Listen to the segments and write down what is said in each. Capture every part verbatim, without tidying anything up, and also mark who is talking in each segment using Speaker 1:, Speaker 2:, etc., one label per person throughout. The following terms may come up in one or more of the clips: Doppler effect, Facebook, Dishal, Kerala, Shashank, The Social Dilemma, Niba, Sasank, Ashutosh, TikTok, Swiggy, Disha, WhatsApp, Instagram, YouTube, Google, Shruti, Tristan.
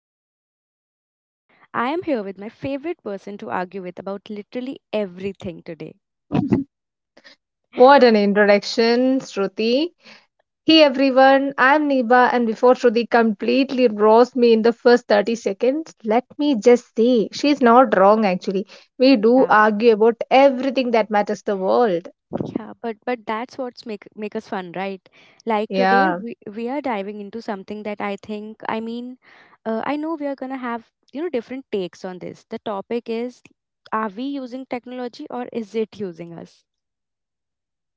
Speaker 1: host Shruti and I am here with my favorite person to argue with about literally everything today.
Speaker 2: What an introduction, Shruti. Hey everyone, I'm Niba, and before Shruti completely roast me in the first thirty seconds, let me just say she's not wrong actually. We do
Speaker 1: Yeah,
Speaker 2: argue about everything that matters the world.
Speaker 1: yeah, but but that's what's make make us fun, right? Like today
Speaker 2: Yeah.
Speaker 1: we we are diving into something that I think I mean, uh, I know we are gonna have you know different takes on this. The topic is, are we using technology or is it using us?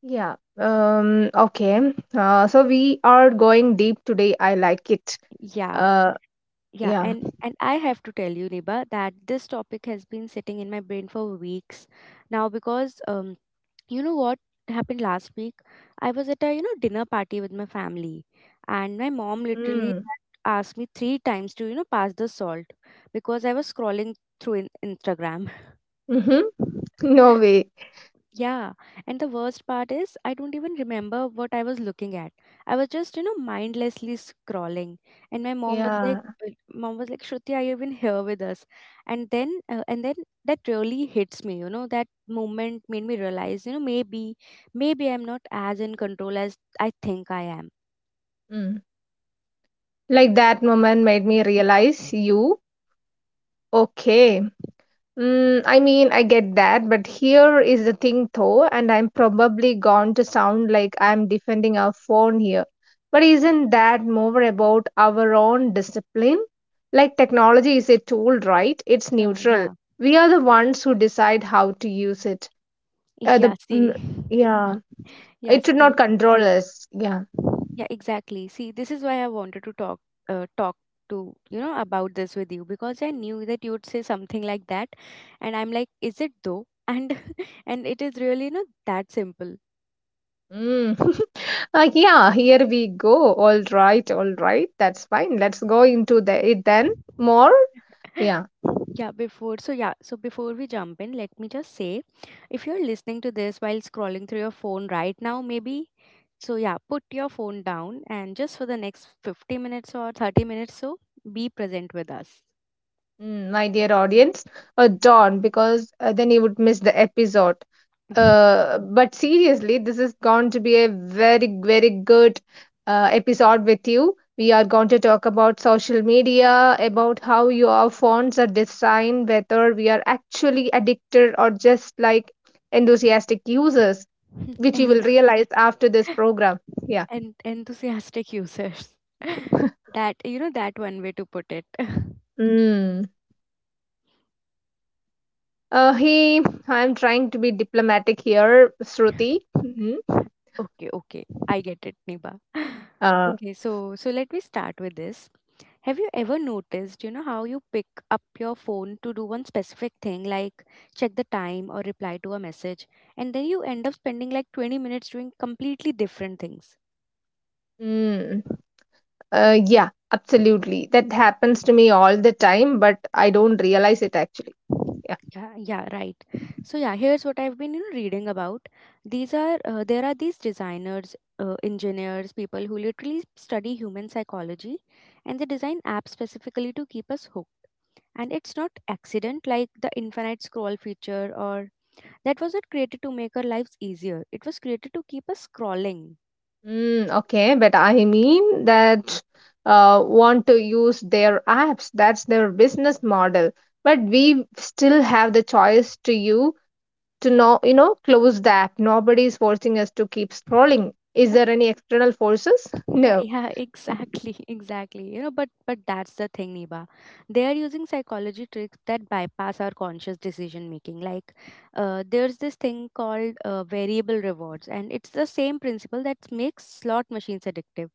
Speaker 2: Yeah. Um, okay. Uh, so we are going deep today. I like it.
Speaker 1: Yeah.
Speaker 2: Uh,
Speaker 1: Yeah,
Speaker 2: yeah.
Speaker 1: and and I have to tell you, Niba, that this topic has been sitting in my brain for weeks now because um, you know what happened last week? I was at a you know dinner party with my family, and my mom literally
Speaker 2: Mm.
Speaker 1: asked me three times to you know pass the salt because I was scrolling through in Instagram.
Speaker 2: Mm-hmm. No way.
Speaker 1: Yeah, and the worst part is I don't even remember what I was looking at. I was just, you know, mindlessly scrolling, and my mom was like,
Speaker 2: Yeah.
Speaker 1: uh, "Mom was like, Shruti, are you even here with us?" And then, uh, and then that really hits me. You know, that moment made me realize, you know, maybe, maybe I'm not as in control as I think I am.
Speaker 2: Mm. Like that moment made me realize you. Okay. Mm, I mean, I get that, but here is the thing though, and I'm probably going to sound like I'm defending our phone here. But isn't that more about our own discipline? Like, technology is a tool, right? It's
Speaker 1: Oh,
Speaker 2: neutral.
Speaker 1: yeah,
Speaker 2: We are the ones who decide how to use it. Uh,
Speaker 1: yeah.
Speaker 2: the mm,
Speaker 1: See,
Speaker 2: yeah,
Speaker 1: yeah,
Speaker 2: it should not
Speaker 1: see.
Speaker 2: control us. Yeah.
Speaker 1: Yeah, exactly. See, this is why I wanted to talk uh, talk to you know about this with you because I knew that you would say something like that, and I'm like, is it though? And and it is really not that simple.
Speaker 2: Mm. Uh, yeah, Here we go. All right, all right. That's fine. Let's go into the it then more. Yeah.
Speaker 1: Yeah, before so yeah, so before we jump in, let me just say if you're listening to this while scrolling through your phone right now, maybe so yeah, put your phone down and just for the next fifty minutes or thirty minutes so be present with us.
Speaker 2: Mm, my dear audience, uh, Dawn, because uh, then you would miss the episode. Uh, but seriously, this is going to be a very, very good uh, episode with you. We are going to talk about social media, about how your phones are designed, whether we are actually addicted or just like enthusiastic users, which you
Speaker 1: and
Speaker 2: will realize after this program. Yeah.
Speaker 1: and enthusiastic users. that you know that one way to put it.
Speaker 2: Mm. Uh, he, I'm trying to be diplomatic here, Shruti.
Speaker 1: Okay, okay. I get it, Niba.
Speaker 2: Mhm.
Speaker 1: Okay, so so let me start with this. Have you ever noticed, you know, how you pick up your phone to do one specific thing like check the time or reply to a message and then you end up spending like twenty minutes doing completely different things.
Speaker 2: Mm, uh, yeah, absolutely. That happens to me all the time, but I don't realize it actually. Yeah.
Speaker 1: Yeah, yeah, right. So yeah, here's what I've been you know, reading about. These are uh, There are these designers, uh, engineers, people who literally study human psychology, and they design apps specifically to keep us hooked. And it's not accident like the infinite scroll feature or that wasn't created to make our lives easier. It was created to keep us scrolling.
Speaker 2: Mm, okay, but I mean that uh, want to use their apps. That's their business model. But we still have the choice to use. To know You know, close the app, nobody is forcing us to keep scrolling. Is
Speaker 1: Yeah,
Speaker 2: there any external forces?
Speaker 1: yeah,
Speaker 2: No.
Speaker 1: yeah, exactly, exactly. You know, but but that's the thing, Niba. They are using psychology tricks that bypass our conscious decision making. Like, uh, there's this thing called uh, variable rewards, and it's the same principle that makes slot machines addictive.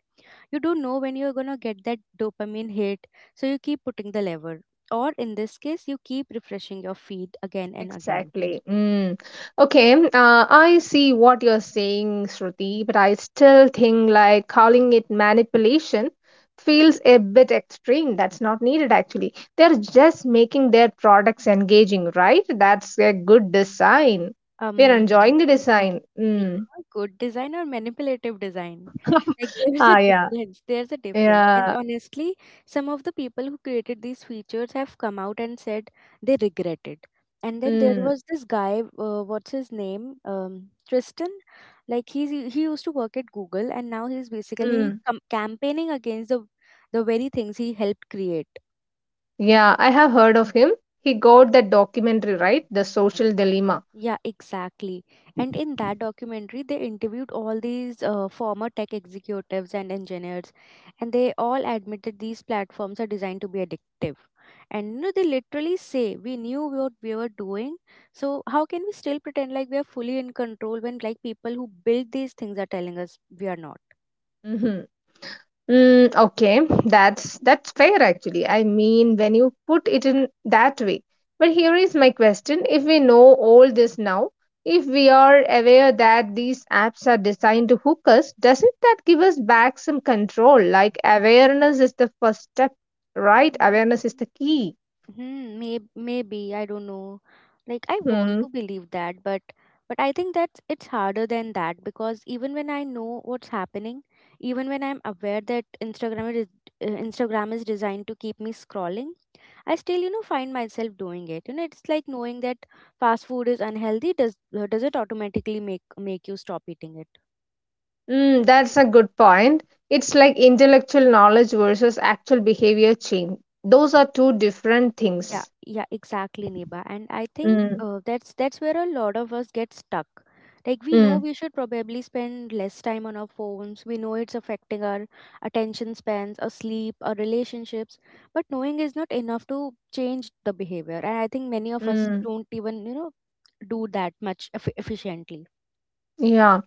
Speaker 1: You don't know when you're gonna get that dopamine hit, so you keep putting the lever. Or in this case, you keep refreshing your feed again and again.
Speaker 2: Exactly. Mm. Okay. Uh, I see what you're saying, Shruti, but I still think like calling it manipulation feels a bit extreme. That's not needed actually. They're just making their products engaging, right? That's a good design. We're
Speaker 1: Um,
Speaker 2: enjoying the design.
Speaker 1: Neither
Speaker 2: Mm.
Speaker 1: good design or manipulative design. Like there is a
Speaker 2: Ah, yeah.
Speaker 1: difference. There's a difference. And
Speaker 2: Yeah.
Speaker 1: honestly, some of the people who created these features have come out and said they regret it. And then there
Speaker 2: Mm.
Speaker 1: was this guy, uh, what's his name? Um, Tristan. Like he's he used to work at Google, and now he's basically
Speaker 2: Mm.
Speaker 1: com- campaigning against the the very things he helped create.
Speaker 2: Yeah, I have heard of him. He got that documentary, right? The Social Dilemma.
Speaker 1: Yeah, exactly. And in that documentary, they interviewed all these uh, former tech executives and engineers, and they all admitted these platforms are designed to be addictive. And you know, they literally say, "We knew what we were doing, so how can we still pretend like we are fully in control when like people who build these things are telling us we are not?"
Speaker 2: Hmm. Mm, okay, that's that's fair actually. I mean, when you put it in that way. But here is my question: if we know all this now, if we are aware that these apps are designed to hook us, doesn't that give us back some control? Like awareness is the first step, right? Awareness is the key.
Speaker 1: Hmm, may maybe I don't know. Like I want
Speaker 2: Hmm.
Speaker 1: to believe that, but but I think that it's harder than that because even when I know what's happening, even when I'm aware that Instagram is uh, Instagram is designed to keep me scrolling, I still you know find myself doing it. You know, it's like knowing that fast food is unhealthy does uh, does it automatically make make you stop eating it?
Speaker 2: Mm, that's a good point. It's like intellectual knowledge versus actual behavior change. Those are two different
Speaker 1: Yeah,
Speaker 2: things.
Speaker 1: yeah, exactly, Niba. And I think
Speaker 2: Mm,
Speaker 1: uh, that's that's where a lot of us get stuck. Like we know
Speaker 2: mm.
Speaker 1: we should probably spend less time on our phones. We know it's affecting our attention spans, our sleep, our relationships, but knowing is not enough to change the behavior. And I think many of us
Speaker 2: Mm.
Speaker 1: don't even, you know, do that much eff efficiently.
Speaker 2: Yeah.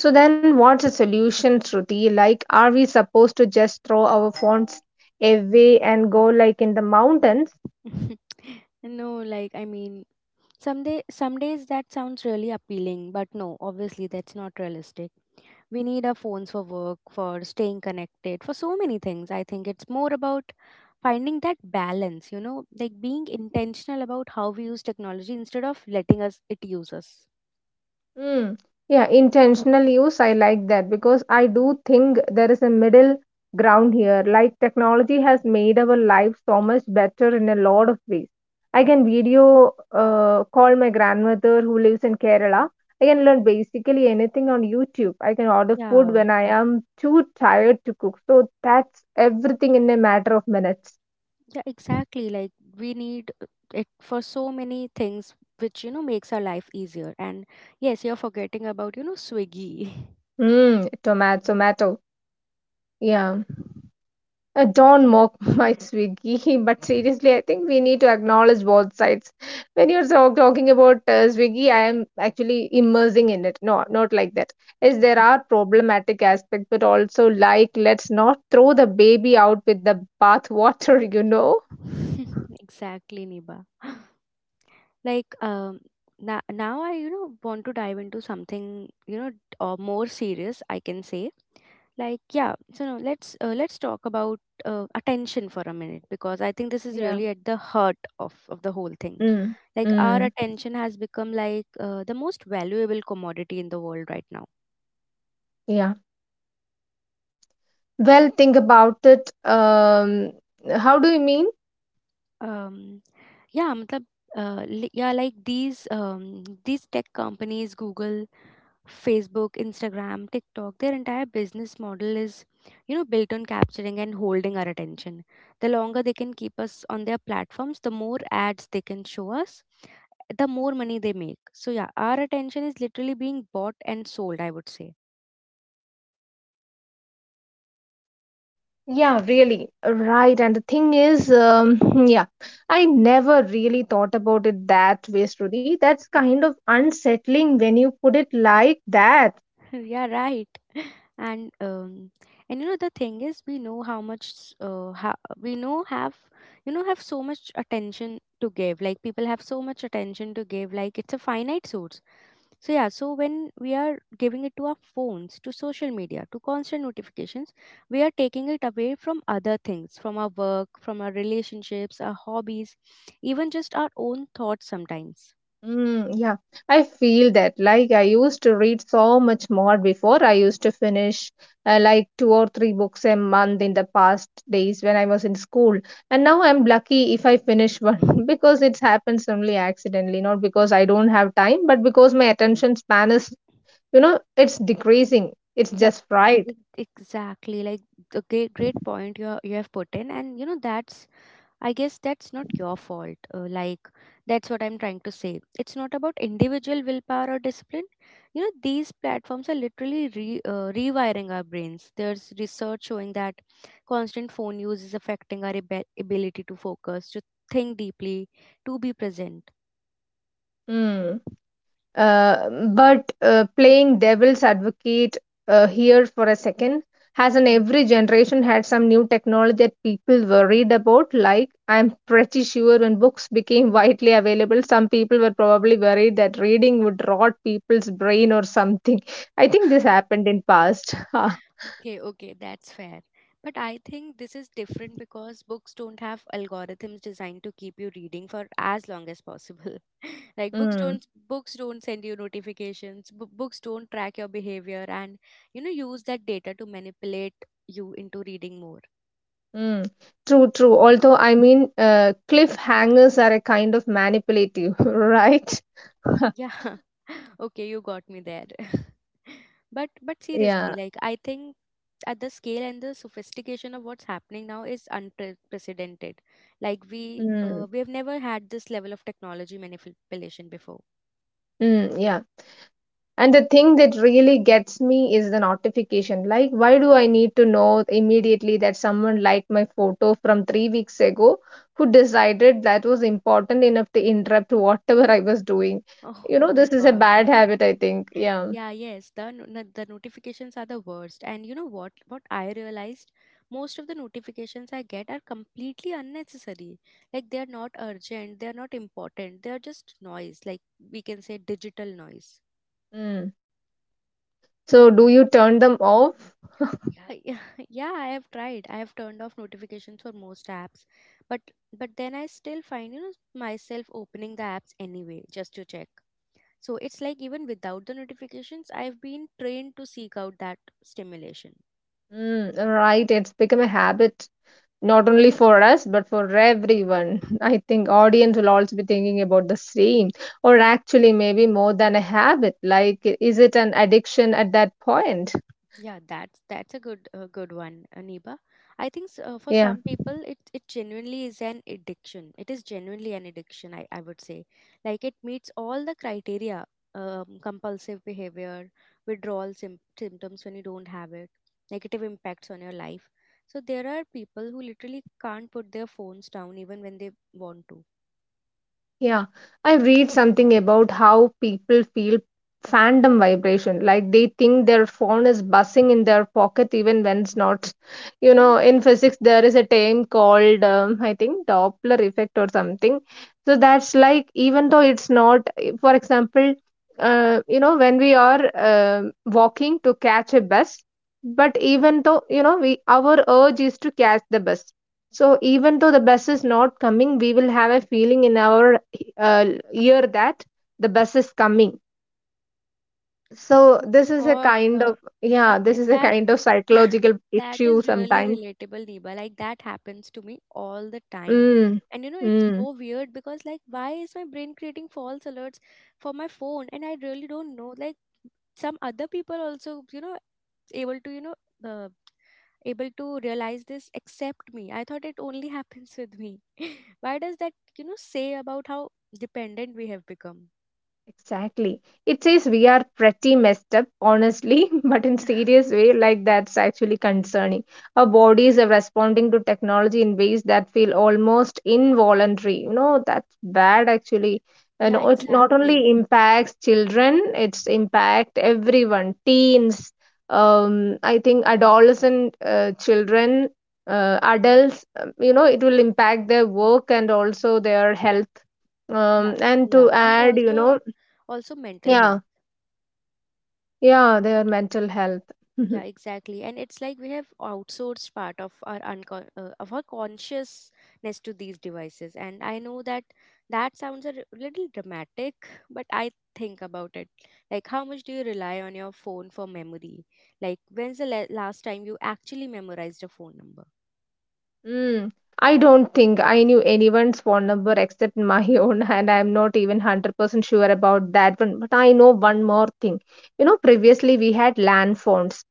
Speaker 2: So then what's a solution, Shruti? Like, are we supposed to just throw our phones away and go like in the mountains?
Speaker 1: No, like I mean, some day, some days that sounds really appealing, but no, obviously that's not realistic we need our phones for work, for staying connected, for so many things. I think it's more about finding that balance, you know, like being intentional about how we use technology instead of letting us it use us.
Speaker 2: Mm. Yeah, intentional use, I like that because I do think there is a middle ground here. Like technology has made our life so much better in a lot of ways. I can video uh, call my grandmother who lives in Kerala. I can learn basically anything on YouTube. I can order food
Speaker 1: Yeah,
Speaker 2: when I am too tired to cook. So that's everything in a matter of minutes.
Speaker 1: yeah, exactly. Like we need uh, it for so many things which, you know, makes our life easier. And yes, you're forgetting about, you know, Swiggy.
Speaker 2: Mm, tomato, tomato. Yeah. Uh, don't
Speaker 1: Yeah.
Speaker 2: mock my Swiggy, but seriously, I think we need to acknowledge both sides. When you're so- talking about uh, Swiggy, I am actually immersing in it. No, not like that. Yes, there are problematic aspects, but also like let's not throw the baby out with the bathwater, you know?
Speaker 1: Exactly, Niba. Like um, now, now I you know want to dive into something you know or more serious. I can say like yeah. So no, let's uh, let's talk about uh, attention for a minute because I think this is
Speaker 2: Yeah.
Speaker 1: really at the heart of of the whole thing.
Speaker 2: Mm.
Speaker 1: Like our
Speaker 2: Mm.
Speaker 1: attention has become like uh, the most valuable commodity in the world right now.
Speaker 2: Yeah. Well, think about it. Um, how do you mean?
Speaker 1: Um, yeah, मतलब, uh, li- yeah, like these um, these tech companies, Google Facebook, Instagram, TikTok, their entire business model is, you know, built on capturing and holding our attention. The longer they can keep us on their platforms, the more ads they can show us, the more money they make. So yeah, our attention is literally being bought and sold, I would say.
Speaker 2: Yeah, really. Right. And the thing is, um, yeah, I never really thought about it that way, Shruti. That's kind of unsettling when you put it like that.
Speaker 1: Yeah, right. And um, and you know the thing is, we know how much s- uh, how, we know have you know have so much attention to give. Like people have so much attention to give. Like it's a finite source So yeah, so when we are giving it to our phones, to social media, to constant notifications, we are taking it away from other things, from our work, from our relationships, our hobbies, even just our own thoughts sometimes.
Speaker 2: Mm, yeah, I feel that. Like, I used to read so much more before. I used to finish uh, like two or three books a month in the past days when I was in school. And now I'm lucky if I finish one because it happens only accidentally, not because I don't have time, but because my attention span is you know it's decreasing, it's
Speaker 1: Yeah,
Speaker 2: just right.
Speaker 1: e- exactly. Like a great, great point you you have put in, and you know that's I guess that's not your fault. Uh, like, that's what I'm trying to say. It's not about individual willpower or discipline. You know, these platforms are literally re, uh, rewiring our brains. There's research showing that constant phone use is affecting our abe- ability to focus, to think deeply, to be present.
Speaker 2: Hmm. uh, but uh, Playing devil's advocate uh, here for a second, has in every generation had some new technology that people worried about. Like I'm pretty sure when books became widely available some people were probably worried that reading would rot people's brain or something. I think this happened in past.
Speaker 1: Okay, okay, that's fair. But I think this is different because books don't have algorithms designed to keep you reading for as long as possible. Like books
Speaker 2: Hmm.
Speaker 1: don't books don't send you notifications, b- books don't track your behavior and you know use that data to manipulate you into reading more.
Speaker 2: Mm, true, true. Although, I mean, uh, cliffhangers are a kind of manipulative, right?
Speaker 1: Yeah. Okay, you got me there. But but seriously,
Speaker 2: Yeah.
Speaker 1: like I think at the scale and the sophistication of what's happening now is unprecedented. Like we
Speaker 2: Mm,
Speaker 1: uh, we have never had this level of technology manipulation before.
Speaker 2: mm, yeah. And the thing that really gets me is the notification. Like, why do I need to know immediately that someone liked my photo from three weeks ago? Who decided that was important enough to interrupt whatever I was doing? You
Speaker 1: Oh
Speaker 2: know,
Speaker 1: my
Speaker 2: this is a
Speaker 1: god.
Speaker 2: bad habit, I think. Yeah.
Speaker 1: Yeah, yes, the no- no- the notifications are the worst. And you know what what I realized? Most of the notifications I get are completely unnecessary. Like they are not urgent, they are not important. They are just noise, like we can say digital noise.
Speaker 2: Mm. So, do you turn them off?
Speaker 1: Yeah, yeah, yeah, I have tried. I have turned off notifications for most apps, but but then I still find, you know, myself opening the apps anyway just to check. So it's like even without the notifications, I've been trained to seek out that stimulation.
Speaker 2: Mm, right. It's become a habit. Not only for us, but for everyone. I think audience will also be thinking about the same, or actually maybe more than a habit. Like, is it an addiction at that point?
Speaker 1: Yeah, that's that's a good a good one, Aniba. I think s- uh, for
Speaker 2: Yeah.
Speaker 1: some people, it it genuinely is an addiction. It is genuinely an addiction. I I would say, like it meets all the criteria. Um, compulsive behavior, withdrawal sym symptoms when you don't have it, negative impacts on your life. So there are people who literally can't put their phones down even when they want to.
Speaker 2: Yeah, I read something about how people feel fandom vibration, like they think their phone is buzzing in their pocket even when it's not. You know,
Speaker 1: Oh,
Speaker 2: in physics there is a term called um, I think Doppler effect or something. So that's like even though it's not, for example, uh, you know, when we are um walking to catch a bus, but even though you know we our urge is to catch the bus. So even though the bus is not coming, we will have a feeling in our uh, hear that the bus is coming, so
Speaker 1: oh
Speaker 2: this is a
Speaker 1: God,
Speaker 2: kind of,
Speaker 1: uh,
Speaker 2: yeah,
Speaker 1: yeah,
Speaker 2: this
Speaker 1: and
Speaker 2: is a
Speaker 1: that.
Speaker 2: kind of psychological
Speaker 1: That
Speaker 2: issue
Speaker 1: is really
Speaker 2: sometimes.
Speaker 1: relatable, Neba. Like that happens to me all the time.
Speaker 2: Mm,
Speaker 1: And you know, it's
Speaker 2: mm.
Speaker 1: so weird because like why is my brain creating false alerts for my phone? And I really don't know. Like some other people also, you know, able to, you know, uh, able to realize this except me. I thought it only happens with me. Why does that, you know, say about how dependent we have become?
Speaker 2: Exactly. It says we are pretty messed up, honestly, but in serious way, like that's actually concerning. Our bodies are responding to technology in ways that feel almost involuntary. You know, that's bad actually. And
Speaker 1: Yeah,
Speaker 2: it not
Speaker 1: exactly.
Speaker 2: only impacts children, it's impact everyone, teens, um, I think adolescent uh, children, uh, adults, um, you know, it will impact their work and also their health.
Speaker 1: Yeah,
Speaker 2: Um, and to
Speaker 1: yeah. And
Speaker 2: add, you
Speaker 1: also
Speaker 2: know,
Speaker 1: also mental
Speaker 2: yeah,
Speaker 1: health.
Speaker 2: yeah, their mental health.
Speaker 1: Yeah, exactly. And it's like we have outsourced part of our uncon- uh, of our consciousness to these devices. And I know that that sounds a r- little dramatic, but I think about it. Like, how much do you rely on your phone for memory? Like, when's the la- last time you actually memorized a phone number?
Speaker 2: Mm. I don't think I knew anyone's phone number except my own, and I'm not even one hundred percent sure about that one. But I know one more thing. You know, previously we had land phones.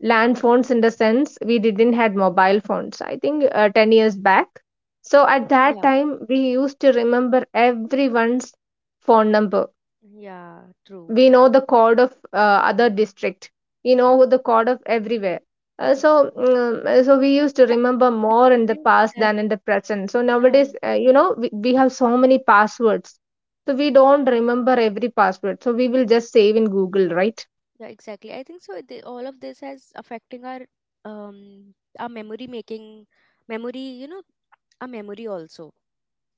Speaker 2: Land phones, in the sense, we didn't had mobile phones, I think uh, ten years back. So at that
Speaker 1: Yeah.
Speaker 2: time, we used to remember everyone's phone number,
Speaker 1: Yeah, true.
Speaker 2: we know the code of uh, other district, we know the code of everywhere. Uh, so mm, uh, so we used to
Speaker 1: Yeah,
Speaker 2: remember
Speaker 1: that,
Speaker 2: more in the past
Speaker 1: that,
Speaker 2: than in the present. So
Speaker 1: yeah,
Speaker 2: nowadays, uh, you know, we, we have so many passwords, so we don't remember every password, so we will just save in Google, right?
Speaker 1: Yeah, exactly. I think so. The, all of this has affecting our um our memory making memory. You know, our memory also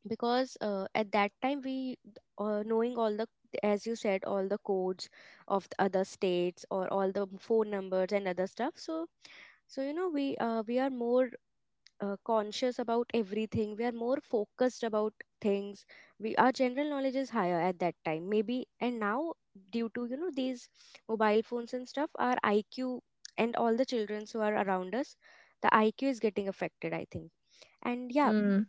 Speaker 1: because uh, at that time we uh, knowing all the, as you said, all the codes of the other states or all the phone numbers and other stuff. So so you know we uh, we are more uh, conscious about everything. We are more focused about things. We, our general knowledge is higher at that time, maybe. And now, due to, you know, these mobile phones and stuff, our IQ, and all the children who are around us, the IQ is getting affected, I think. And yeah,
Speaker 2: Mm,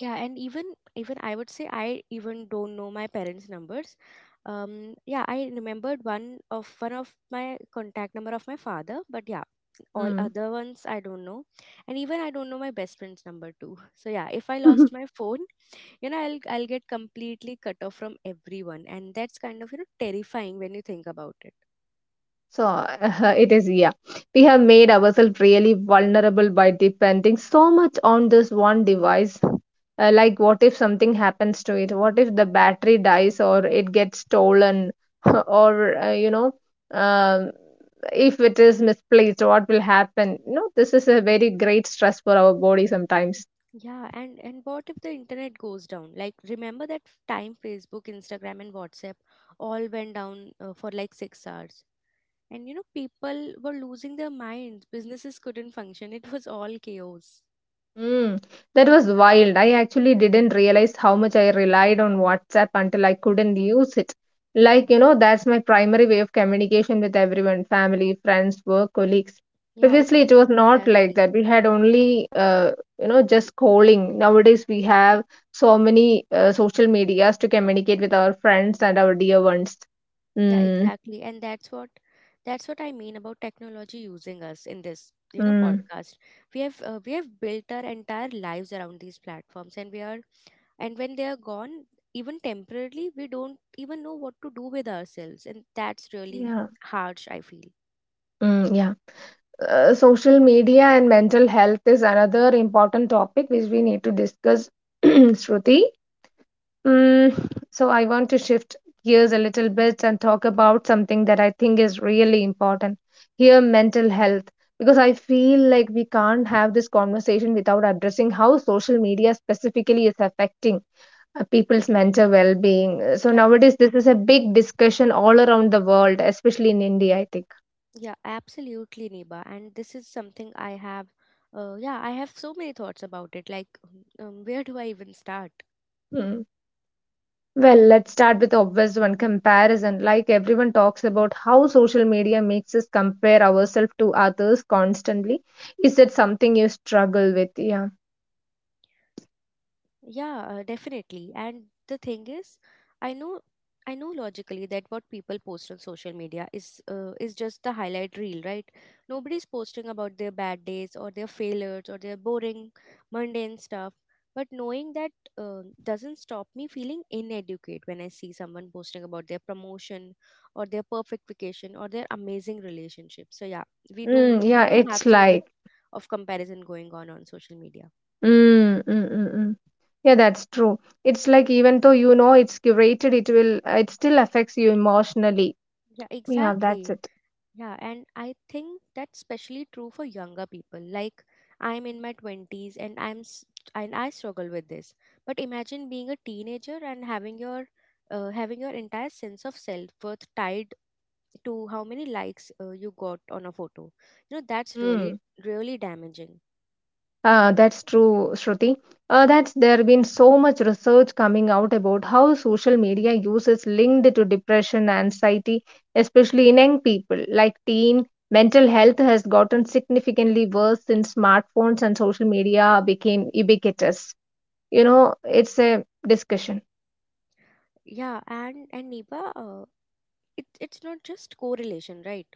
Speaker 1: yeah, and even even I would say I even don't know my parents' numbers. Um, yeah, I remembered one of one of my contact number of my father, but yeah, all
Speaker 2: mm.
Speaker 1: other ones I don't know, and even I don't know my best friend's number too. So yeah, if I lost my phone, you know, I'll I'll get completely cut off from everyone, and that's kind of, you know, terrifying when you think about it.
Speaker 2: So it is, yeah. We have made ourselves really vulnerable by depending so much on this one device. Uh, like, what if something happens to it? What if the battery dies or it gets stolen? Or, uh, you know, um, if it is misplaced, what will happen? You know, this is a very great stress for our body sometimes.
Speaker 1: Yeah, and and what if the internet goes down? Like, remember that time Facebook, Instagram, and WhatsApp all went down uh, for like six hours. And you know, people were losing their minds. Businesses couldn't function. It was all chaos.
Speaker 2: Mm, that was wild. I actually didn't realize how much I relied on WhatsApp until I couldn't use it. Like, you know, that's my primary way of communication with everyone, family, friends, work, colleagues.
Speaker 1: Yeah, ex-
Speaker 2: Previously, it was not like
Speaker 1: exactly.
Speaker 2: that. We had only, uh, you know, just calling. Nowadays, we have so many uh, social medias to communicate with our friends and our dear ones.
Speaker 1: Yeah,
Speaker 2: Mm,
Speaker 1: exactly. And that's what that's what I mean about technology using us in this, you know,
Speaker 2: mm,
Speaker 1: podcast. We have uh, we have built our entire lives around these platforms, and we are and when they are gone, even temporarily, we don't even know what to do with ourselves, and that's really
Speaker 2: yeah,
Speaker 1: harsh, I feel.
Speaker 2: mm, yeah. Uh, social media and mental health is another important topic which we need to discuss, Shruti. Mm, so, I want to shift gears a little bit and talk about something that I think is really important here: mental health. Because I feel like we can't have this conversation without addressing how social media specifically is affecting uh, people's mental well being. So,
Speaker 1: Yeah.
Speaker 2: nowadays, this is a big discussion all around the world, especially in India, I think.
Speaker 1: Yeah, absolutely, Neba. And this is something I have, uh, yeah, I have so many thoughts about it. Like, um, where do I even start?
Speaker 2: Hmm. Well, let's start with the obvious one: comparison. Like everyone talks about how social media makes us compare ourselves to others constantly. Is that something you struggle with? Yeah.
Speaker 1: Yeah, uh, definitely. And the thing is, I know I know logically that what people post on social media is uh, is just the highlight reel, right? Nobody's posting about their bad days or their failures or their boring, mundane stuff. But knowing that uh, doesn't stop me feeling inadequate when I see someone posting about their promotion or their perfect vacation or their amazing relationship. So yeah, we do,
Speaker 2: Mm, yeah,
Speaker 1: you know, have
Speaker 2: it's
Speaker 1: so much
Speaker 2: like.
Speaker 1: of comparison going on on social media.
Speaker 2: Mm, mm, mm, mm. Yeah, that's true. It's like even though you know it's curated, it will it still affects you emotionally.
Speaker 1: Yeah,
Speaker 2: Yeah, that's
Speaker 1: exactly.
Speaker 2: it.
Speaker 1: Yeah, and I think that's especially true for younger people. Like, I'm in my twenties and I'm s- and I struggle with this. But imagine being a teenager and having your uh, having your entire sense of self-worth tied to how many likes uh, you got on a photo. You know, that's really
Speaker 2: Mm.
Speaker 1: really damaging.
Speaker 2: Uh, that's true, Shruti. Uh, that's there been so much research coming out about how social media use is linked to depression and anxiety, especially in young people like teen. Mental health has gotten significantly worse since smartphones and social media became ubiquitous. You know, it's a discussion.
Speaker 1: Yeah, and and Niba, uh, it, it's not just correlation, right?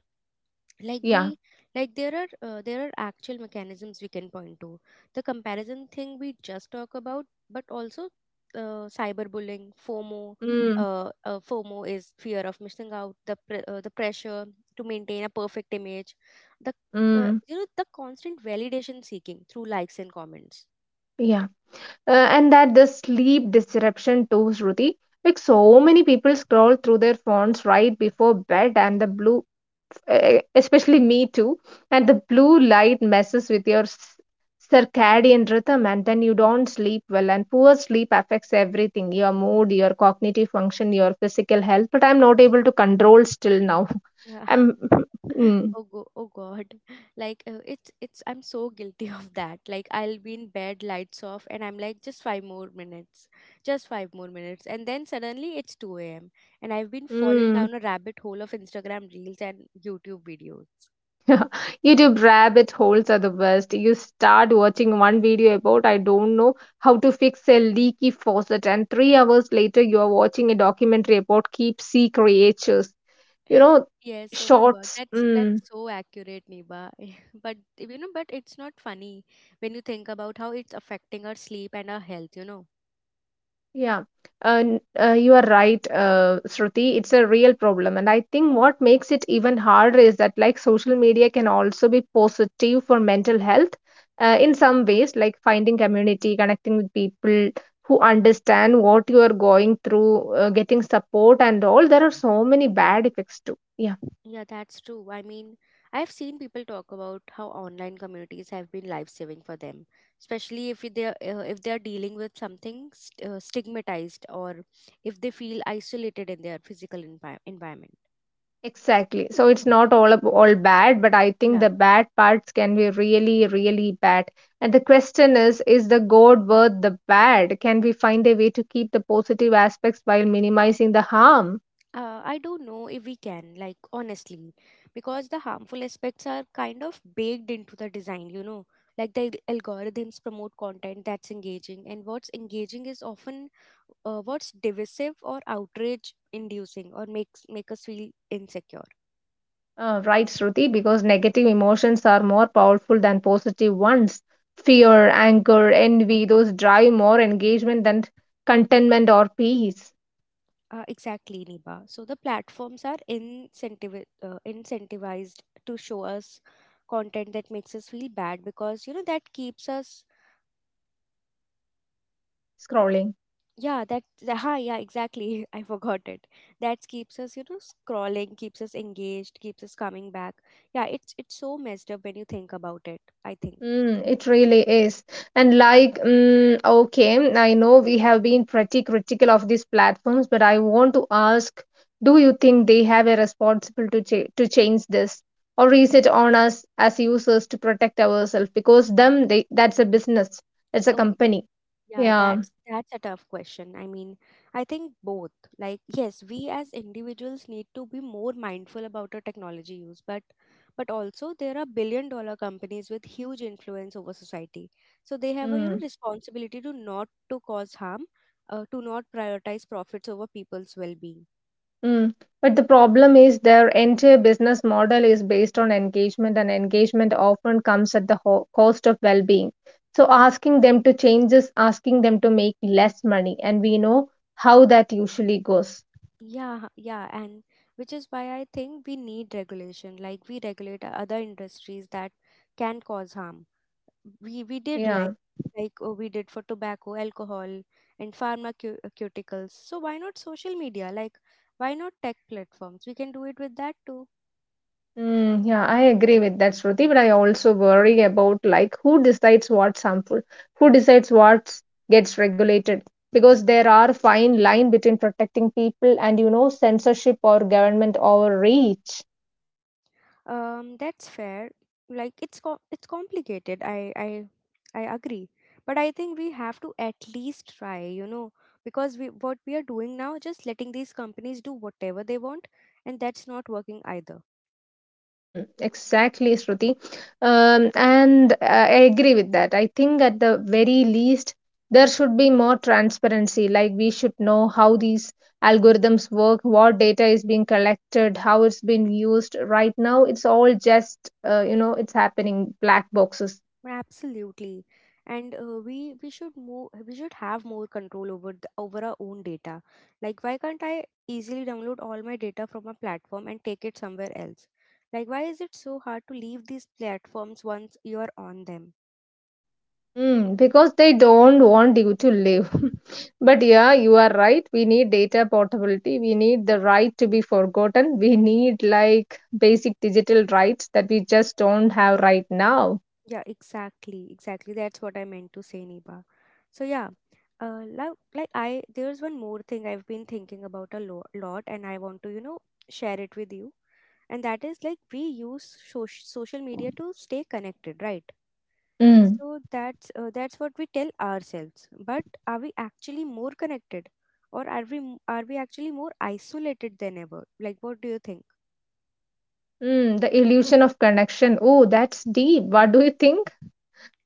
Speaker 1: like
Speaker 2: Yeah.
Speaker 1: we like there are uh, there are actual mechanisms we can point to: the comparison thing we just talk about, but also uh, cyberbullying, FOMO.
Speaker 2: Mm,
Speaker 1: uh, uh, FOMO is fear of missing out, the pre- uh, the pressure to maintain a perfect image, the uh,
Speaker 2: mm,
Speaker 1: you know, the constant validation seeking through likes and comments.
Speaker 2: yeah. Uh, and that the sleep disruption too, Shruti. Like so many people scroll through their phones right before bed, and the blue e- especially me too and the blue light messes with your s- circadian rhythm, and then you don't sleep well, and poor sleep affects everything, your mood, your cognitive function, your physical health, but I'm not able to control still now.
Speaker 1: Yeah,
Speaker 2: i'm mm,
Speaker 1: oh go oh god. Like, uh, it's it's I'm so guilty of that. Like, I'll be in bed, lights off, and I'm like, just five more minutes, just five more minutes, and then suddenly it's two a.m. and I've been fallen
Speaker 2: mm.
Speaker 1: down a rabbit hole of Instagram reels and YouTube videos.
Speaker 2: YouTube rabbit holes are the worst. You start watching one video about, I don't know, how to fix a leaky faucet, and three hours later, you are watching a documentary about deep sea creatures. You know,
Speaker 1: Yes, oh my god,
Speaker 2: shorts.
Speaker 1: that's that's
Speaker 2: Mm.
Speaker 1: so accurate, Niba. But you know, but it's not funny when you think about how it's affecting our sleep and our health, you know.
Speaker 2: Yeah, uh, n- uh, you are right, uh, Shruti. It's a real problem. And I think what makes it even harder is that, like, social media can also be positive for mental health uh, in some ways, like finding community, connecting with people who understand what you are going through, uh, getting support, and all. There are so many bad effects too. Yeah.
Speaker 1: Yeah, that's true. I mean, I've seen people talk about how online communities have been life-saving for them, especially if they're uh, if they're dealing with something st- uh, stigmatized, or if they feel isolated in their physical envi- environment.
Speaker 2: Exactly. So it's not all ab- all bad, but I think
Speaker 1: Yeah.
Speaker 2: the bad parts can be really, really bad. And the question is, is the good worth the bad? Can we find a way to keep the positive aspects while minimizing the harm?
Speaker 1: Uh, I don't know if we can, like, honestly, because the harmful aspects are kind of baked into the design, you know. Like, the al- algorithms promote content that's engaging, and what's engaging is often uh, what's divisive or outrage inducing or makes make us feel insecure.
Speaker 2: Uh, right, Shruti, because negative emotions are more powerful than positive ones. Fear, anger, envy, those drive more engagement than contentment or peace.
Speaker 1: Uh, exactly, Niba. So, the platforms are incentiv- uh, incentivized to show us content that makes us feel bad because, you know, that keeps us,
Speaker 2: Scrolling.
Speaker 1: yeah, that the- ha yeah, exactly. I forgot it. That keeps us, you know, scrolling, keeps us engaged, keeps us coming back. Yeah, it's it's so messed up when you think about it, I think.
Speaker 2: Mm, it really is. And like, mm, okay, I know we have been pretty critical of these platforms, but I want to ask, do you think they have a responsibility to, cha- to change this? Or is it on us as users to protect ourselves? Because them, they, that's a business, it's a company.
Speaker 1: Yeah,
Speaker 2: Yeah.
Speaker 1: that's that's a tough question. I mean, I think both. Like, yes, we as individuals need to be more mindful about our technology use, but but also there are billion dollar companies with huge influence over society. So they have a, you know,
Speaker 2: Mm.
Speaker 1: responsibility to not to cause harm, uh, to not prioritize profits over people's well-being.
Speaker 2: Mm. But the problem is their entire business model is based on engagement, and engagement often comes at the ho- cost of well being. So, asking them to change is asking them to make less money, and we know how that usually goes.
Speaker 1: Yeah, yeah, and which is why I think we need regulation. Like, we regulate other industries that can cause harm. We we did like
Speaker 2: Yeah.
Speaker 1: like uh, we did for tobacco, alcohol, and pharmaceuticals. So why not social media? Like, why not tech platforms? We can do it with that too.
Speaker 2: Mm, yeah, I agree with that, Shruti, but I also worry about, like, who decides what's harmful, who decides what gets regulated, because there are fine line between protecting people and, you know, censorship or government overreach.
Speaker 1: Um, that's fair. Like, it's co- it's complicated. I I I agree. But I think we have to at least try, you know, because we what we are doing now, just letting these companies do whatever they want, and that's not working either.
Speaker 2: Mm, exactly, Shruti. Um, and I I agree with that. I think at the very least, there should be more transparency. Like, we should know how these algorithms work, what data is being collected, how it's being used. Right now, it's all just, uh, you know, it's happening black boxes.
Speaker 1: Absolutely. And uh, we we should more we should have more control over the, over our own data. Like, why can't I easily download all my data from a platform and take it somewhere else? Like, why is it so hard to leave these platforms once you're on them?
Speaker 2: Mm, because they don't want you to live. But yeah, you are right. We need data portability. We need the right to be forgotten. We need, like, basic digital rights that we just don't have right now.
Speaker 1: Yeah, exactly, exactly. That's what I meant to say, Niba. So yeah, uh, like, like I there's one more thing I've been thinking about a lo- lot, and I want to, you know, share it with you. And that is, like, we use so- social media to stay connected, right?
Speaker 2: Mm.
Speaker 1: So that's uh, that's what we tell ourselves. But are we actually more connected, or are we m- are we actually more isolated than ever? Like, what do you think?
Speaker 2: Mm, the illusion of connection. Oh, that's deep. What do you think?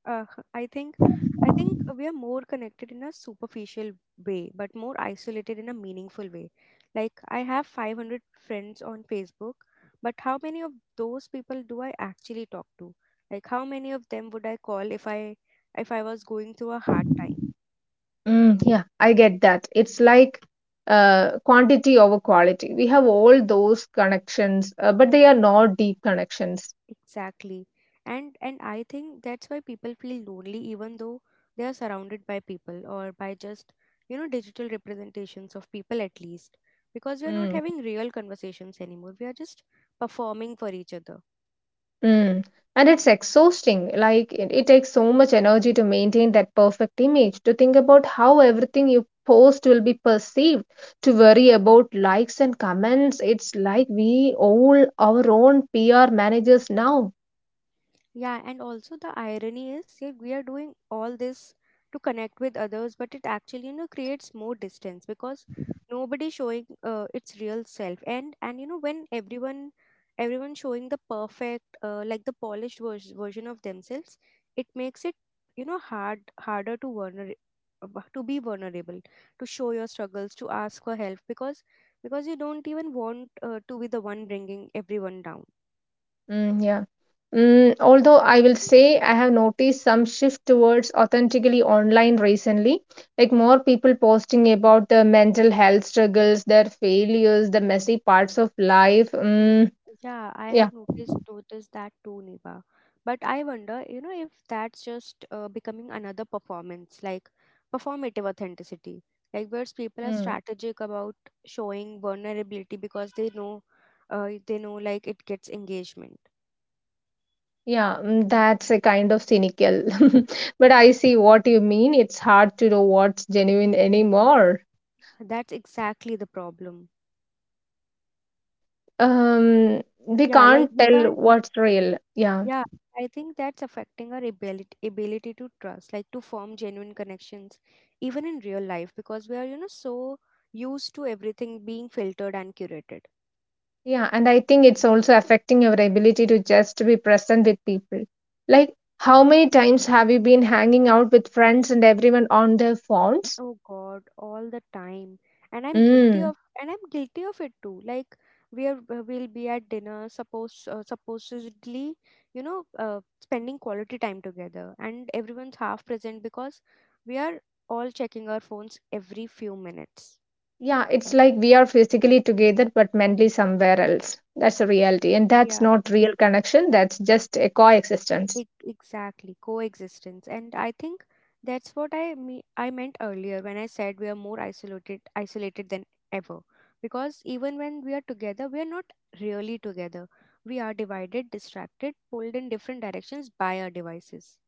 Speaker 1: Uh, I think I think we are more connected in a superficial way, but more isolated in a meaningful way. Like, I have five hundred friends on Facebook, but how many of those people do I actually talk to? Like, how many of them would I call if I if I was going through a hard time?
Speaker 2: Mm, yeah, I get that. It's like uh, quantity over quality. We have all those connections, uh, but they are not deep connections.
Speaker 1: Exactly. And and I think that's why people feel lonely even though they are surrounded by people, or by just, you know, digital representations of people at least. Because we are not
Speaker 2: Mm.
Speaker 1: having real conversations anymore. We are just performing for each other.
Speaker 2: Mm. And it's exhausting. Like, it, it takes so much energy to maintain that perfect image, to think about how everything you post will be perceived, to worry about likes and comments. It's like we all our own P R managers now.
Speaker 1: Yeah, and also the irony is that we are doing all this to connect with others, but it actually, you know, creates more distance because nobody showing uh, its real self. And and you know, when everyone everyone showing the perfect, uh, like the polished vers- version of themselves, it makes it, you know, hard harder to vulner- uh, bu- to be vulnerable, to show your struggles, to ask for help because because you don't even want uh, to be the one bringing everyone down.
Speaker 2: Mm, yeah. Mm, although I will say I have noticed some shift towards authentically online recently, like more people posting about their mental health struggles, their failures, the messy parts of life.
Speaker 1: Ye-
Speaker 2: Mm,
Speaker 1: Yeah, I
Speaker 2: yeah.
Speaker 1: have noticed noticed that too, Niva. But I wonder, you know, if that's just uh, becoming another performance, like performative authenticity, like where people are
Speaker 2: Mm.
Speaker 1: strategic about showing vulnerability because they know, uh, they know, like, it gets engagement.
Speaker 2: Yeah, mm, that's a kind of cynical. But
Speaker 1: Hmm.
Speaker 2: I see what you mean. It's hard to know what's genuine anymore.
Speaker 1: That's exactly the problem.
Speaker 2: Um, we
Speaker 1: Yeah, like
Speaker 2: can't
Speaker 1: we
Speaker 2: tell
Speaker 1: can't.
Speaker 2: what's real. Yeah.
Speaker 1: Yeah, I think that's affecting our ability ability to trust, like, to form genuine connections, even in real life, because we are, you know, so used to everything being filtered and curated.
Speaker 2: Yeah, and I think it's also affecting our ability to just be present with people. Like, how many times have you been hanging out with friends and everyone on their phones?
Speaker 1: Oh god, all the time. And I'm guilty
Speaker 2: Mm.
Speaker 1: of, and I'm guilty of it too. Like, we are, uh, we'll be at dinner, suppose, uh, supposedly, you know, uh, spending quality time together, and everyone's half present because we are all checking our phones every few minutes.
Speaker 2: Yeah, it's like we are physically together but mentally somewhere else. That's a reality.
Speaker 1: Y-
Speaker 2: And that's
Speaker 1: Yeah.
Speaker 2: not real connection, that's just a coexistence.
Speaker 1: Ex- Exactly, coexistence. And I think that's what I me I meant earlier when I said we are more isolated isolated than ever. Because even when we are together, we are not really together. We are divided, distracted, pulled in different directions by our devices.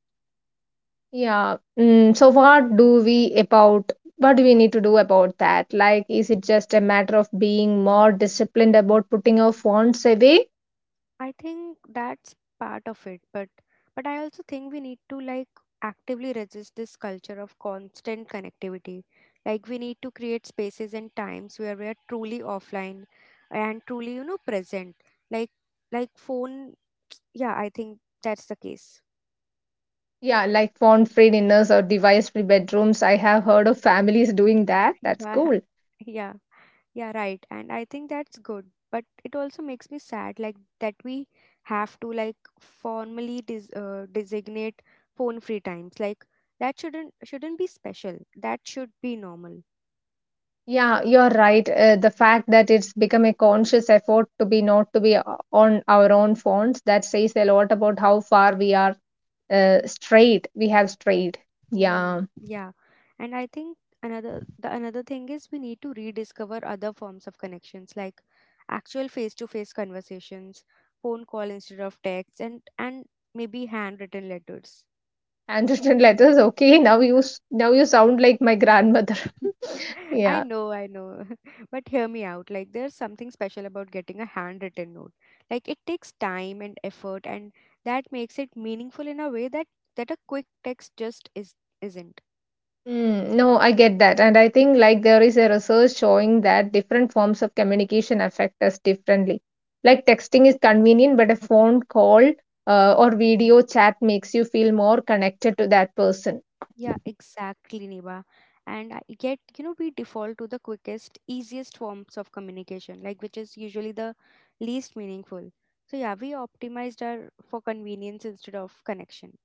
Speaker 2: Yeah. Mm, so what do we about what do we need to do about that? Like, is it just a matter of being more disciplined about putting our phones away?
Speaker 1: I think that's part of it, but but I also think we need to, like, actively resist this culture of constant connectivity. Like, we need to create spaces and times where we are truly offline and truly, you know, present. Like like phone Yeah, I think that's the case.
Speaker 2: Yeah, like phone-free dinners or device-free bedrooms. I have heard of families doing that. That's
Speaker 1: Yeah,
Speaker 2: cool.
Speaker 1: yeah. Yeah, right. And I think that's good. But it also makes me sad, like that we have to like formally des- uh, designate phone free times. Like that shouldn't shouldn't be special. That should be normal.
Speaker 2: Yeah, you're right. Uh, the fact that it's become a conscious effort to be not to be uh, on our own phones, that says a lot about how far we are uh,
Speaker 1: Mm,
Speaker 2: straight. We have strayed.
Speaker 1: mm,
Speaker 2: Yeah.
Speaker 1: yeah. And I think another the another thing is we need to rediscover other forms of connections, like actual face to face conversations, phone call instead of text, and and maybe handwritten letters.
Speaker 2: Handwritten letters. Okay, now you s- now you sound like my grandmother.
Speaker 1: I
Speaker 2: Yeah.
Speaker 1: know, I know. But hear me out. Like, there's something special about getting a handwritten note. Like, it takes time and effort, and that makes it meaningful in a way that that a quick text just is isn't.
Speaker 2: Mm, no, I get that. And I think, like, there is a research showing that different forms of communication affect us differently. Like texting is convenient, but a phone call uh, or video chat makes you feel more connected to that person.
Speaker 1: Yeah, exactly, Niba. And I get, you know, we default to the quickest, easiest forms of communication, like which is usually the least meaningful. So yeah, we optimized our for convenience instead of connection.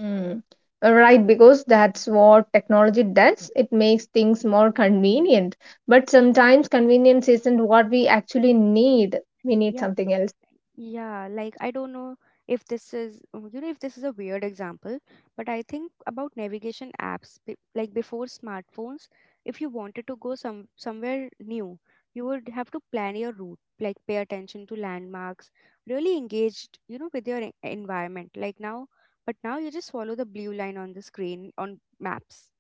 Speaker 2: Mm. Right, because that's what technology does. It makes things more convenient. But sometimes convenience isn't what we actually need. We need
Speaker 1: Yeah.
Speaker 2: something else.
Speaker 1: Yeah, like I don't know if this is, uh, you know, if this is a weird example, but I think about navigation apps, be- like before smartphones, if you wanted to go some somewhere new, you would have to plan your route, like pay attention to landmarks, really engaged, you know, with your en- environment. Like now, but now you just follow the blue line on the screen on maps.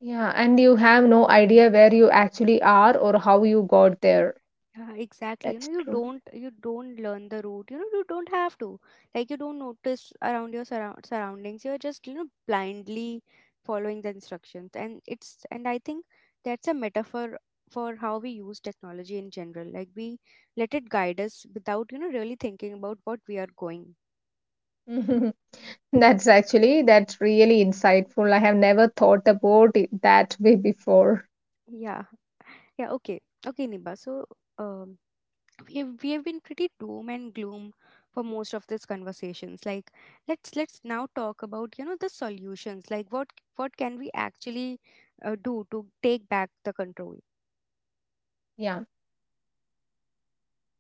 Speaker 2: Yeah, and you have no idea where you actually are or how you got there.
Speaker 1: Yeah, exactly. You know,
Speaker 2: That's
Speaker 1: you
Speaker 2: true.
Speaker 1: don't you don't learn the route. You know, you don't have to. Like you don't notice around your surround surroundings. You're just, you know, blindly following the instructions. And it's and I think that's a metaphor for how we use technology in general. Like we let it guide us without, you know, really thinking about what we are going.
Speaker 2: That's actually, that's really insightful. I have never thought about it that way before.
Speaker 1: Yeah. Yeah, okay. Okay, Niba. So um we have, we have been pretty doom and gloom for most of these conversations like let's let's now talk about you know the solutions like what what can we actually uh, do to take back the control.
Speaker 2: Yeah.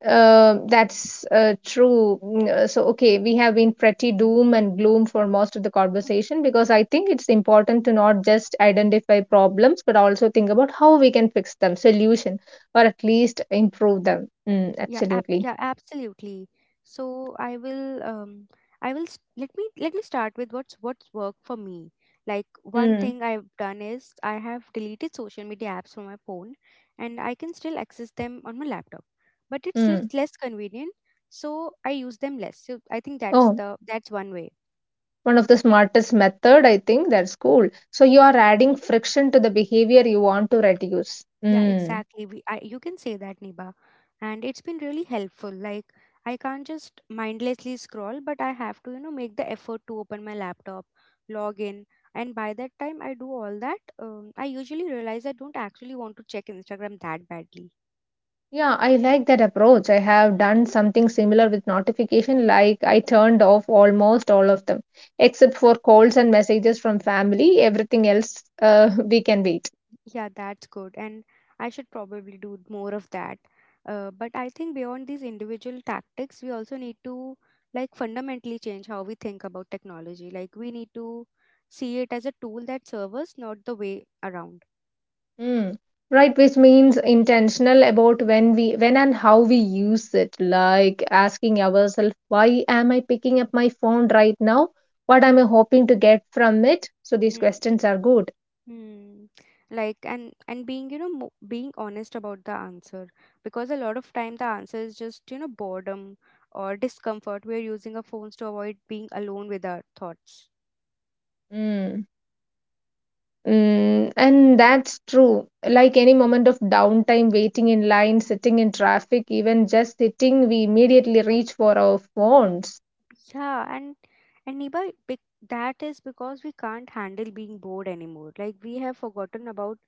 Speaker 2: Uh, that's uh, true. Mm, uh, So, okay, we have been pretty doom and gloom for most of the conversation because I think it's important to not just identify problems but also think about how we can fix them, solution, or at least improve them. Mm,
Speaker 1: Yeah, ab-
Speaker 2: absolutely.
Speaker 1: yeah, absolutely. So I will um I will st- let me let me start with what's what's worked for me. Like one
Speaker 2: Mm,
Speaker 1: thing I've done is I have deleted social media apps from my phone and I can still access them on my laptop. But it's less
Speaker 2: mm.
Speaker 1: less convenient, so I use them less. So I think that's
Speaker 2: Oh,
Speaker 1: the that's one way.
Speaker 2: one of the smartest method, I think. That's cool. So you are adding friction to the behavior you want to reduce.
Speaker 1: Yeah,
Speaker 2: Mm.
Speaker 1: exactly. We, I, you can say that, Niba. And it's been really helpful. Like, I can't just mindlessly scroll, but I have to, you know, make the effort to open my laptop, log in. And by that time I do all that, um, I usually realize I don't actually want to check Instagram that badly.
Speaker 2: Yeah, I like that approach. I have done something similar with notification, like I turned off almost all of them, except for calls and messages from family. Everything else, uh, we can wait.
Speaker 1: Yeah, that's good. And I should probably do more of that. Uh, but I think beyond these individual tactics, we also need to like fundamentally change how we think about technology. Like we need to see it as a tool that serves us, not the way around.
Speaker 2: Hmm. Right, which means intentional about when we, when and how we use it. Like asking ourselves, why am I picking up my phone right now? What am I hoping to get from it? So these
Speaker 1: Mm,
Speaker 2: questions are good.
Speaker 1: mm. Like and and being you know mo- being honest about the answer because a lot of time the answer is just you know boredom or discomfort. We're using our phones to avoid being alone with our thoughts.
Speaker 2: Hmm. Mm, and that's true. Like any moment of downtime, waiting in line, sitting in traffic, even just sitting, we immediately reach for our phones.
Speaker 1: Yeah, and and Niba, bec- that is because we can't handle being bored anymore. Like we have forgotten about,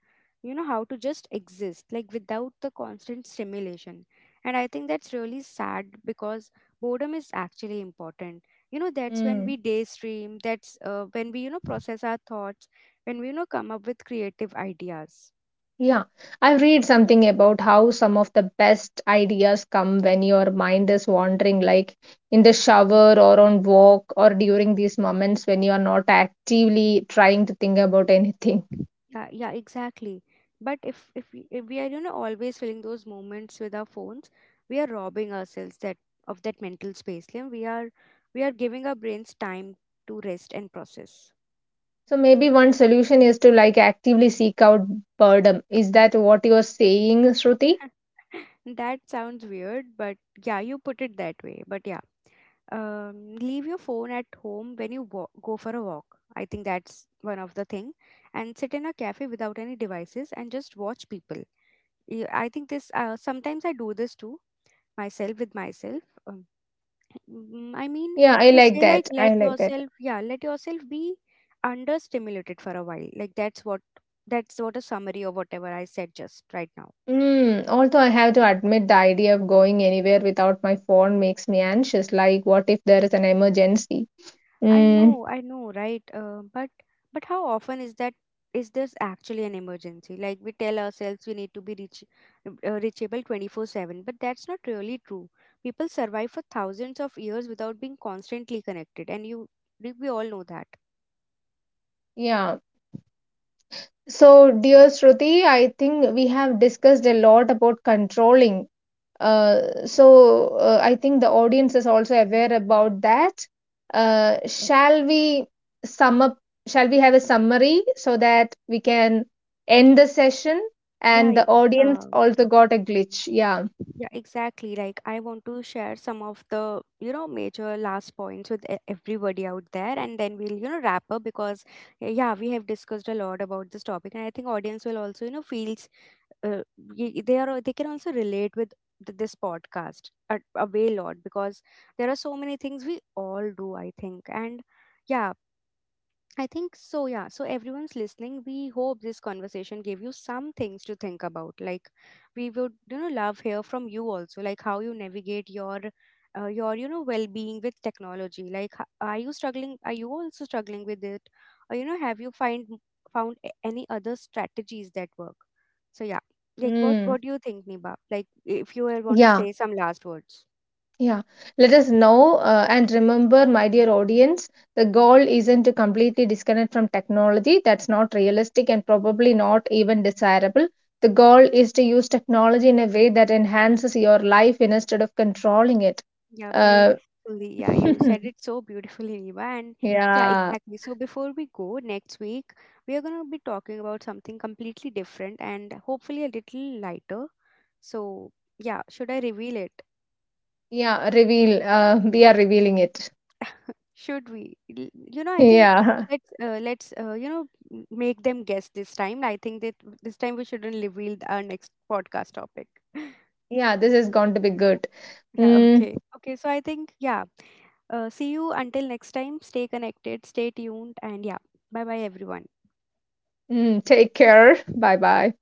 Speaker 1: you know, how to just exist, like without the constant stimulation. And I think that's really sad because boredom is actually important. You know, that's when
Speaker 2: Mm.
Speaker 1: we daydream. That's uh, when we, you know, process our thoughts. When we, you know, come up with creative ideas.
Speaker 2: Yeah, I read something about how some of the best ideas come when your mind is wandering, like in the shower or on walk or during these moments when you are not actively trying to think about anything.
Speaker 1: That, yeah, exactly. But if if we, if we are you know always filling those moments with our phones, we are robbing ourselves that of that mental space. Liam. We are we are giving our brains time to rest and process.
Speaker 2: So maybe one solution is to, like, actively seek out boredom. Is that what you're saying, Shruti?
Speaker 1: That sounds weird, but yeah, you put it that way. But yeah, um, leave your phone at home when you wa- go for a walk. I think that's one of the thing, and sit in a cafe without any devices and just watch people. Y- I think this. Uh, sometimes I do this too. Myself with myself. Um, mm, I mean,
Speaker 2: Yeah, I
Speaker 1: to
Speaker 2: like
Speaker 1: say like,
Speaker 2: that.
Speaker 1: let
Speaker 2: I like that.
Speaker 1: yourself, yeah, let yourself be understimulated for a while. Like that's what that's what a summary of whatever I said just right now.
Speaker 2: Mm, although I have to admit the idea of going anywhere without my phone makes me anxious. Like, what if there is an emergency?
Speaker 1: I
Speaker 2: Mm,
Speaker 1: know, I know, right? Uh, but but how often is that? Is this actually an emergency? Like we tell ourselves we need to be reach, uh, reachable twenty-four seven, but that's not really true. People survive for thousands of years without being constantly connected, and you we all know that.
Speaker 2: yeah. So, dear Shruti, I think we have discussed a lot about controlling. Uh, so uh, I think the audience is also aware about that. Uh, shall we sum up? Shall we have a summary so that we can end the session?
Speaker 1: Yeah,
Speaker 2: And the
Speaker 1: I-
Speaker 2: audience
Speaker 1: uh,
Speaker 2: also got a glitch. Yeah.
Speaker 1: Yeah, exactly. Like, I want to share some of the, you know, major last points with e- everybody out there, and then we'll, you know, wrap up because, eh, yeah, we have discussed a lot about this topic, and I think audience will also, you know, feels uh, y- they are they can also relate with th- this podcast a, a way lot because there are so many things we all do I think and yeah I think so, yeah. So, everyone's listening. We hope this conversation gave you some things to think about. Like, we would, you know, love hear from you also, like how you navigate your, uh, your, you know, well-being with technology. Like, h- are you struggling? Are you also struggling with it? Or, you know, have you find found a- any other strategies that work? So, yeah. Like, what
Speaker 2: Mm.
Speaker 1: what do you think, Niba? Like, if you want to
Speaker 2: Yeah.
Speaker 1: say some last words.
Speaker 2: Yeah, let us know, uh, and remember, my dear audience, the goal isn't to completely disconnect from technology. That's not realistic and probably not even desirable. The goal is to use technology in a way that enhances your life instead of controlling it.
Speaker 1: Yeah,
Speaker 2: Uh,
Speaker 1: beautifully. Yeah, you said it so beautifully, Riva. And yeah,
Speaker 2: yeah,
Speaker 1: exactly. So before we go next week, we are going to be talking about something completely different and hopefully a little lighter. So yeah, should I reveal it?
Speaker 2: yeah, reveal. Uh, we are revealing it.
Speaker 1: Should we? L- You know, I think
Speaker 2: Yeah,
Speaker 1: let's uh, let's uh, you know m- make them guess this time. I think that this time we shouldn't reveal our next podcast topic.
Speaker 2: yeah, this is going to be good.
Speaker 1: Yeah,
Speaker 2: Mm,
Speaker 1: okay. Okay, so I think, yeah. Uh, see you until next time. Stay connected, stay tuned, and yeah. Bye bye, everyone.
Speaker 2: mm, take care. Bye bye.